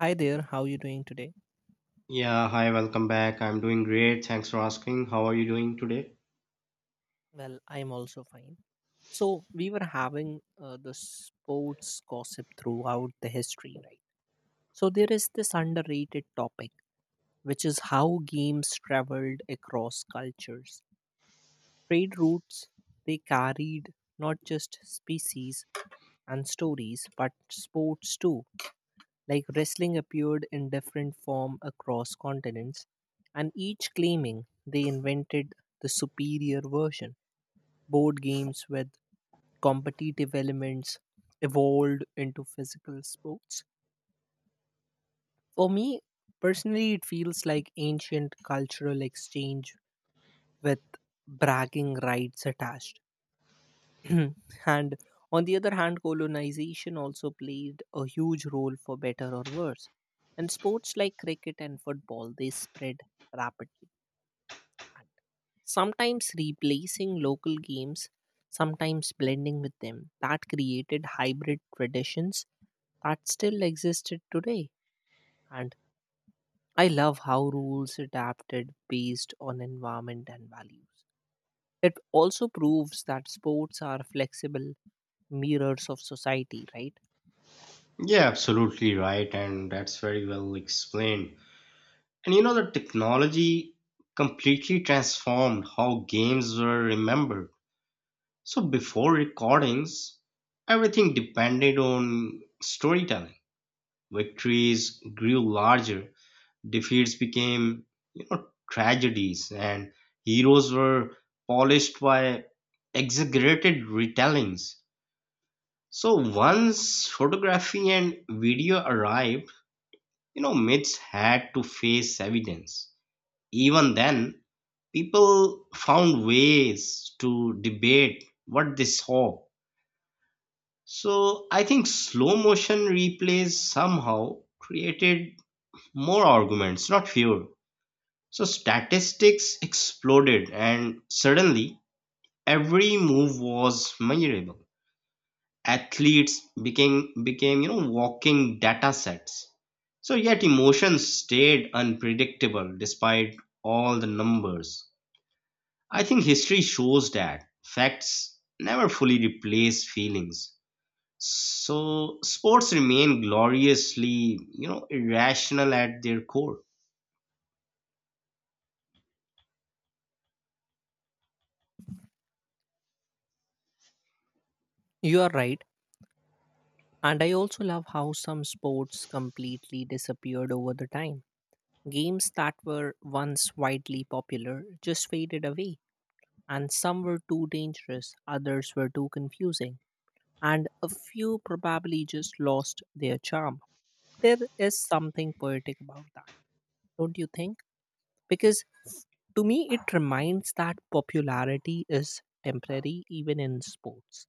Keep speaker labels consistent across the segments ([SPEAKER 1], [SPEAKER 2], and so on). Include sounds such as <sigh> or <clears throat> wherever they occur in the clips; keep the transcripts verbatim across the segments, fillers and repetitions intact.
[SPEAKER 1] Hi there, how are you doing today?
[SPEAKER 2] Yeah, hi, welcome back. I'm doing great. Thanks for asking. How are you doing today?
[SPEAKER 1] Well, I'm also fine. So, we were having uh, the sports gossip throughout the history, right? So, there is this underrated topic, which is how games traveled across cultures. Trade routes, they carried not just species and stories, but sports too. Like wrestling appeared in different form across continents, and each claiming they invented the superior version. Board games with competitive elements evolved into physical sports. For me, personally, it feels like ancient cultural exchange with bragging rights attached. <clears throat> And on the other hand, colonization also played a huge role for better or worse. And sports like cricket and football, they spread rapidly, sometimes replacing local games, sometimes blending with them. That created hybrid traditions that still existed today. And I love how rules adapted based on environment and values. It also proves that sports are flexible mirrors of society, right?
[SPEAKER 2] Yeah, absolutely right. And that's very well explained. And you know, the technology completely transformed how games were remembered. So before recordings, everything depended on storytelling. Victories grew larger, defeats became, you know, tragedies, and heroes were polished by exaggerated retellings. So once photography and video arrived, you know, myths had to face evidence. Even then, people found ways to debate what they saw. So I think slow motion replays somehow created more arguments, not fewer. So statistics exploded, and suddenly every move was measurable. Athletes became became you know walking data sets, so yet emotions stayed unpredictable despite all the numbers. I think history shows that facts never fully replace feelings, so sports remain gloriously, you know irrational at their core.
[SPEAKER 1] You are right. And I also love how some sports completely disappeared over the time. Games that were once widely popular just faded away, and some were too dangerous, others were too confusing, and a few probably just lost their charm. There is something poetic about that, don't you think? Because to me, it reminds that popularity is temporary even in sports.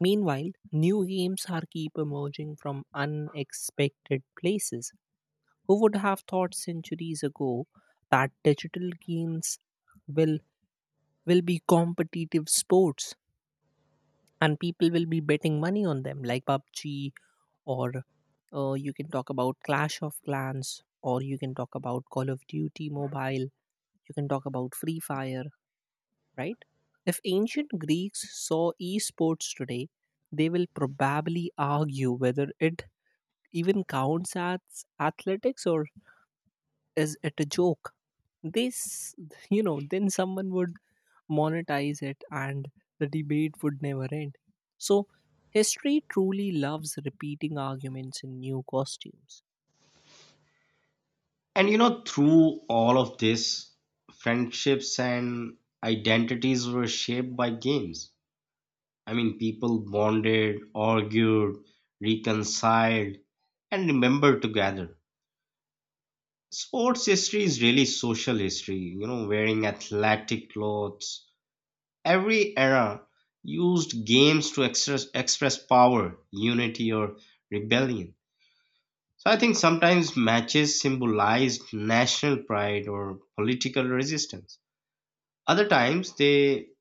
[SPEAKER 1] Meanwhile, new games are keep emerging from unexpected places. Who would have thought centuries ago that digital games will will be competitive sports and people will be betting money on them, like PUBG, or uh, you can talk about Clash of Clans, or you can talk about Call of Duty mobile, you can talk about Free Fire, right? If ancient Greeks saw esports today, they will probably argue whether it even counts as athletics, or is it a joke? This you know then someone would monetize it, and the debate would never end. So history truly loves repeating arguments in new costumes.
[SPEAKER 2] And you know, through all of this, friendships and identities were shaped by games. I mean, people bonded, argued, reconciled, and remembered together. Sports history is really social history, you know, wearing athletic clothes. Every era used games to express, express power, unity, or rebellion. So I think sometimes matches symbolized national pride or political resistance. Other times they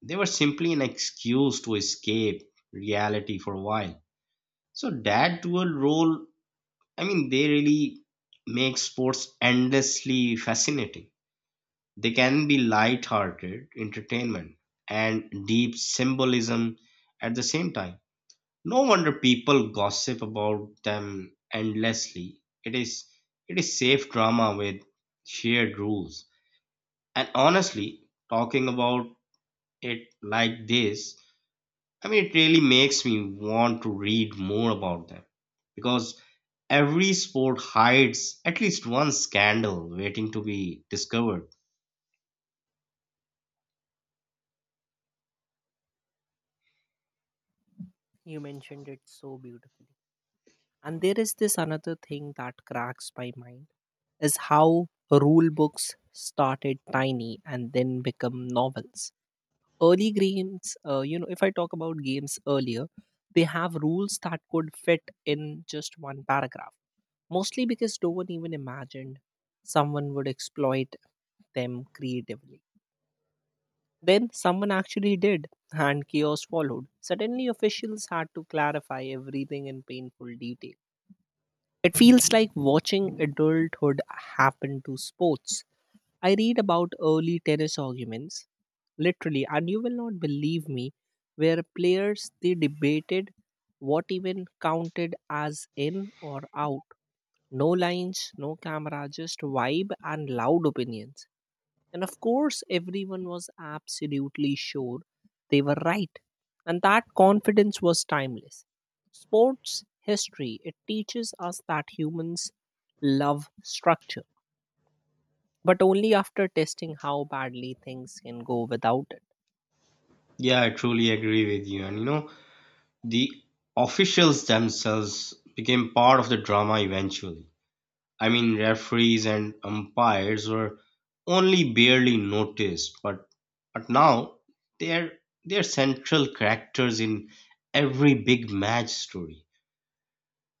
[SPEAKER 2] they were simply an excuse to escape reality for a while. So that dual role, I mean, they really make sports endlessly fascinating. They can be light-hearted entertainment and deep symbolism at the same time. No wonder people gossip about them endlessly. It is it is safe drama with shared rules. And honestly, talking about it like this, I mean, it really makes me want to read more about them, because every sport hides at least one scandal waiting to be discovered.
[SPEAKER 1] You mentioned it so beautifully, and there is this another thing that cracks my mind is how rule books started tiny and then become novels. Early games, uh, you know if I talk about games earlier, they have rules that could fit in just one paragraph, mostly because no one even imagined someone would exploit them creatively. Then someone actually did, and chaos followed. Suddenly, officials had to clarify everything in painful detail. It feels like watching adulthood happen to sports. I read about early tennis arguments, literally, and you will not believe me, where players they debated what even counted as in or out. No lines, no camera, just vibe and loud opinions. And of course, everyone was absolutely sure they were right. And that confidence was timeless. Sports history, it teaches us that humans love structure, but only after testing how badly things can go without it.
[SPEAKER 2] Yeah, I truly agree with you. And you know, the officials themselves became part of the drama eventually. I mean, referees and umpires were only barely noticed, but but now they're they're central characters in every big match story.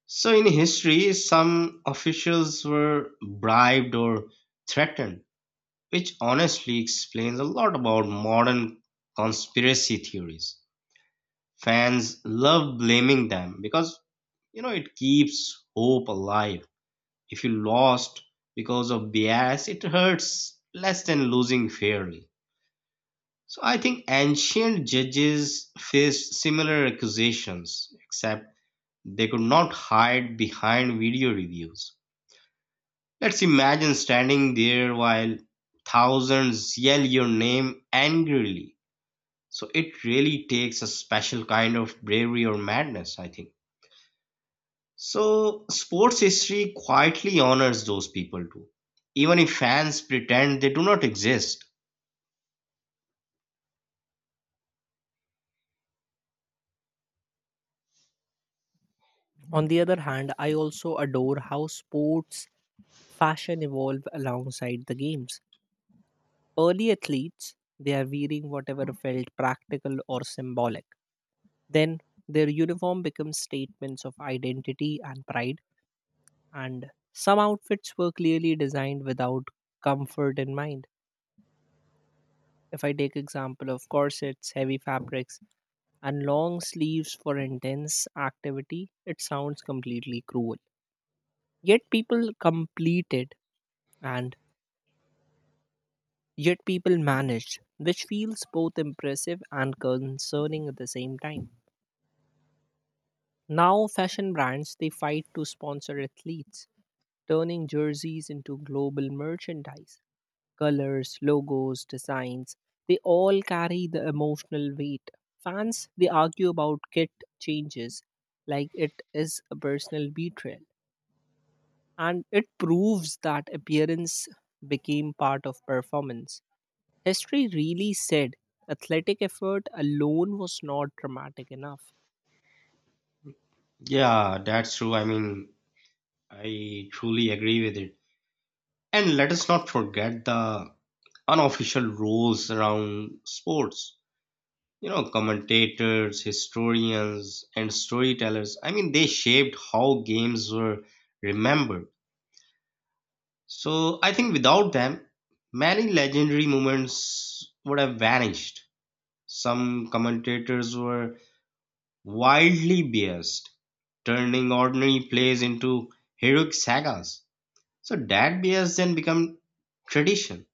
[SPEAKER 2] So, in history, some officials were bribed or threatened, which honestly explains a lot about modern conspiracy theories. Fans love blaming them because, you know, it keeps hope alive. If you lost because of bias, it hurts less than losing fairly. So, I think ancient judges faced similar accusations, except they could not hide behind video reviews. Let's imagine standing there while thousands yell your name angrily. So it really takes a special kind of bravery or madness, I think. So sports history quietly honors those people too, even if fans pretend they do not exist.
[SPEAKER 1] On the other hand, I also adore how sports fashion evolve alongside the games. Early athletes, they are wearing whatever felt practical or symbolic. Then their uniform becomes statements of identity and pride. And some outfits were clearly designed without comfort in mind. If I take example of corsets, heavy fabrics, and long sleeves for intense activity, it sounds completely cruel. yet people completed and Yet people managed, which feels both impressive and concerning at the same time. Now fashion brands, they fight to sponsor athletes, turning jerseys into global merchandise. Colors, logos, designs, they all carry the emotional weight. Fans, they argue about kit changes like it is a personal betrayal. And it proves that appearance became part of performance. History really said athletic effort alone was not dramatic enough.
[SPEAKER 2] Yeah, that's true. I mean, I truly agree with it. And let us not forget the unofficial rules around sports. You know, commentators, historians, and storytellers, I mean, they shaped how games were remembered. So I think without them, many legendary moments would have vanished. Some commentators were wildly biased, turning ordinary plays into heroic sagas. So that bias then became tradition,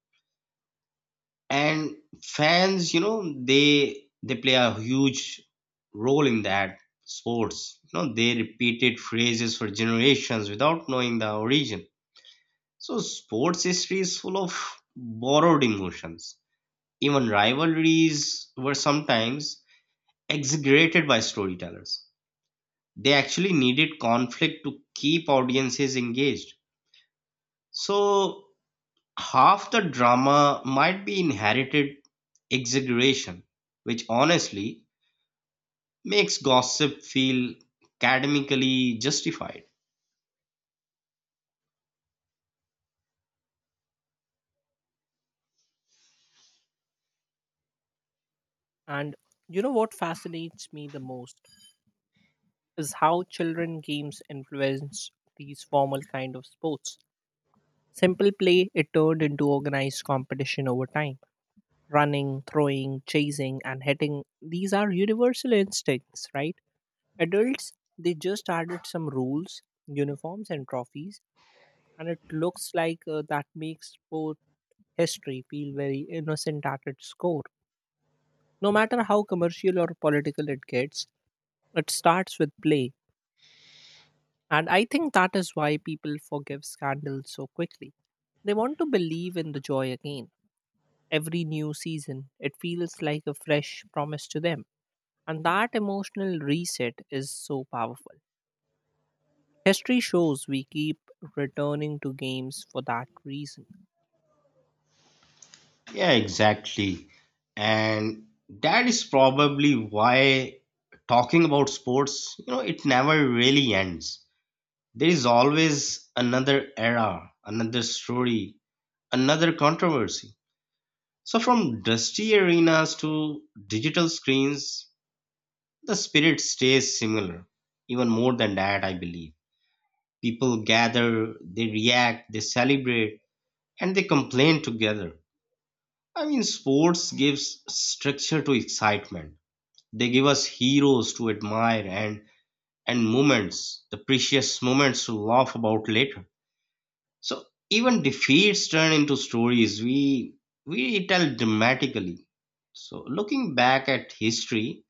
[SPEAKER 2] and fans, you know, they they play a huge role in that. Sports, you know, they repeated phrases for generations without knowing the origin. So sports history is full of borrowed emotions. Even rivalries were sometimes exaggerated by storytellers. They actually needed conflict to keep audiences engaged. So half the drama might be inherited exaggeration, which honestly makes gossip feel academically justified.
[SPEAKER 1] And you know what fascinates me the most is how children games influence these formal kind of sports. Simple play, it turned into organized competition over time. Running, throwing, chasing, and hitting, these are universal instincts, right? Adults, they just added some rules, uniforms, and trophies, and it looks like, uh, that makes sport history feel very innocent at its core. No matter how commercial or political it gets, it starts with play. And I think that is why people forgive scandals so quickly. They want to believe in the joy again. Every new season. It feels like a fresh promise to them. And that emotional reset is so powerful. History shows we keep returning to games for that reason.
[SPEAKER 2] Yeah, exactly. And that is probably why talking about sports, you know, it never really ends. There is always another era, another story, another controversy. So, from dusty arenas to digital screens, the spirit stays similar, even more than that, I believe. People gather, they react, they celebrate, and they complain together. I mean, sports gives structure to excitement. They give us heroes to admire, and and moments, the precious moments to laugh about later. So even defeats turn into stories we we tell dramatically. So looking back at history,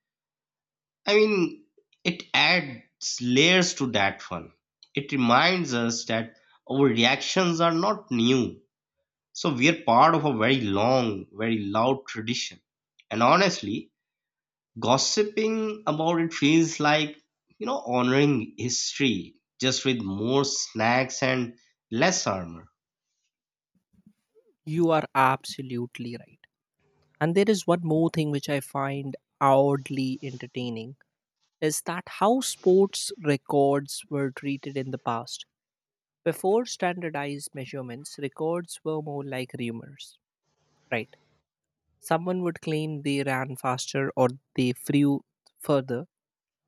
[SPEAKER 2] I mean, it adds layers to that fun. It reminds us that our reactions are not new. So we are part of a very long, very loud tradition. And honestly, gossiping about it feels like, you know, honoring history just with more snacks and less armor.
[SPEAKER 1] You are absolutely right. And there is one more thing which I find oddly entertaining is that how sports records were treated in the past. Before standardized measurements, records were more like rumors, right? Someone would claim they ran faster or they flew further,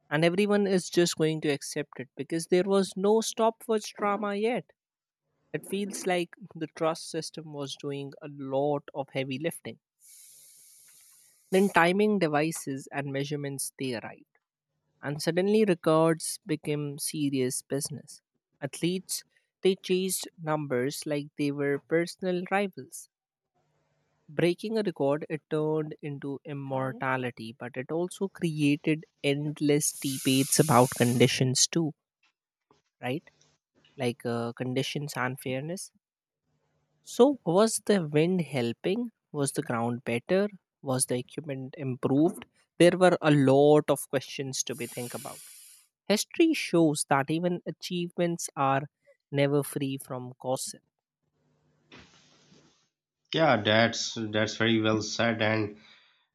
[SPEAKER 1] and everyone is just going to accept it because there was no stopwatch drama yet. It feels like the trust system was doing a lot of heavy lifting. Then timing devices and measurements they arrived, and suddenly records became serious business. Athletes, they chased numbers like they were personal rivals. Breaking a record, it turned into immortality, but it also created endless debates about conditions too, right? Like, uh, conditions and fairness. So was the wind helping? Was the ground better? Was the equipment improved? There were a lot of questions to be think about. History shows that even achievements are never free from gossip.
[SPEAKER 2] Yeah, that's that's very well said. And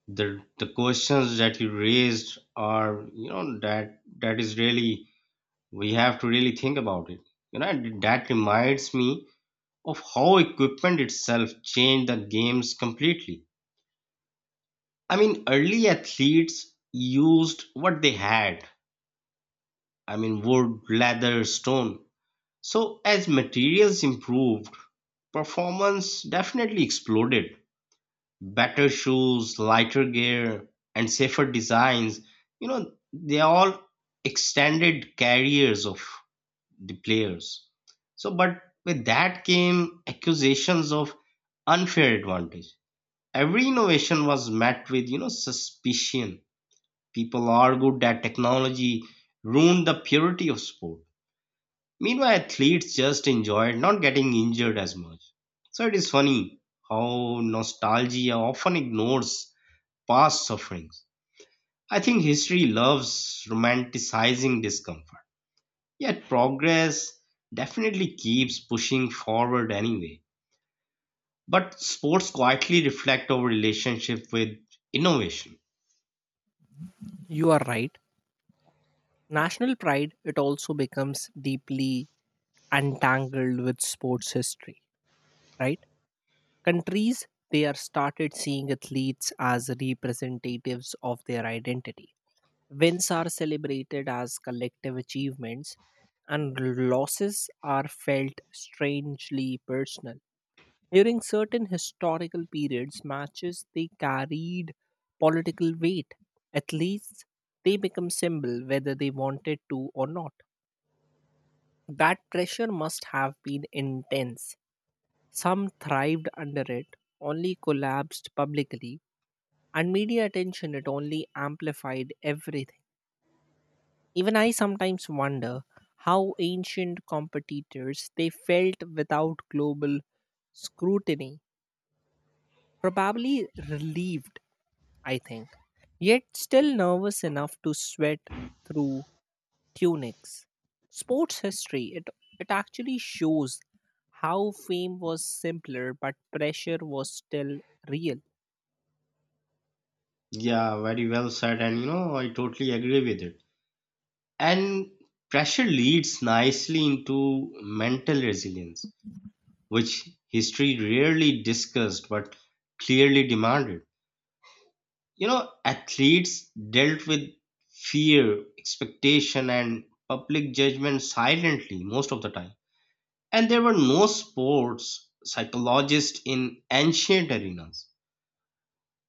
[SPEAKER 2] the the questions that you raised are, you know, that that is really, we have to really think about it. You know, and that reminds me of how equipment itself changed the games completely. I mean, early athletes used what they had, I mean, wood, leather, stone. So as materials improved, performance definitely exploded. Better shoes, lighter gear, and safer designs, you know, they all extended careers of the players. So, but with that came accusations of unfair advantage. Every innovation was met with, you know, suspicion. People argued that technology ruined the purity of sport. Meanwhile, athletes just enjoyed not getting injured as much. So it is funny how nostalgia often ignores past sufferings. I think history loves romanticizing discomfort. Yet progress definitely keeps pushing forward anyway. But sports quietly reflect our relationship with innovation.
[SPEAKER 1] You are right. National pride, it also becomes deeply entangled with sports history, right? Countries, they are started seeing athletes as representatives of their identity. Wins are celebrated as collective achievements, and losses are felt strangely personal. During certain historical periods, matches they carried political weight. At least they become symbol whether they wanted to or not. That pressure must have been intense. Some thrived under it, only collapsed publicly, and media attention it only amplified everything. Even I sometimes wonder how ancient competitors they felt without global scrutiny. Probably relieved, I think. Yet still nervous enough to sweat through tunics. Sports history, it, it actually shows how fame was simpler, but pressure was still real.
[SPEAKER 2] Yeah, very well said, and you know, I totally agree with it. And pressure leads nicely into mental resilience, which history rarely discussed but clearly demanded. You know, athletes dealt with fear, expectation, and public judgment silently most of the time. And there were no sports psychologists in ancient arenas.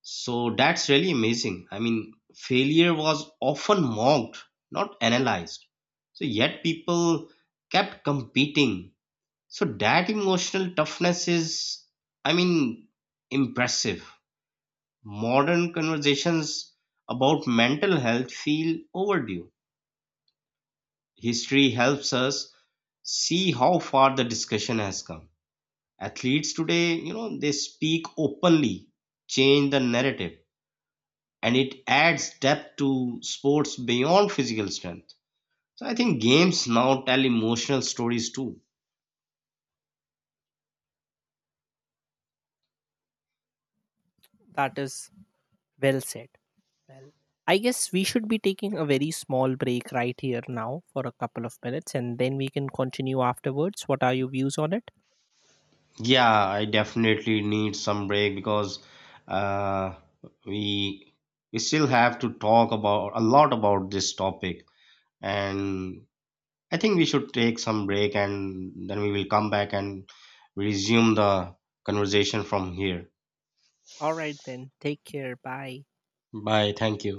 [SPEAKER 2] So that's really amazing. I mean, failure was often mocked, not analyzed. So yet people kept competing. So that emotional toughness is, I mean, impressive. Modern conversations about mental health feel overdue. History helps us see how far the discussion has come. Athletes today, you know, they speak openly, change the narrative, and it adds depth to sports beyond physical strength. So I think games now tell emotional stories too.
[SPEAKER 1] That is well said. Well, I guess we should be taking a very small break right here now for a couple of minutes and then we can continue afterwards. What are your views on it?
[SPEAKER 2] Yeah, I definitely need some break because uh, we we still have to talk about a lot about this topic. And I think we should take some break and then we will come back and resume the conversation from here.
[SPEAKER 1] All right, then. Take care. Bye.
[SPEAKER 2] Bye, thank you.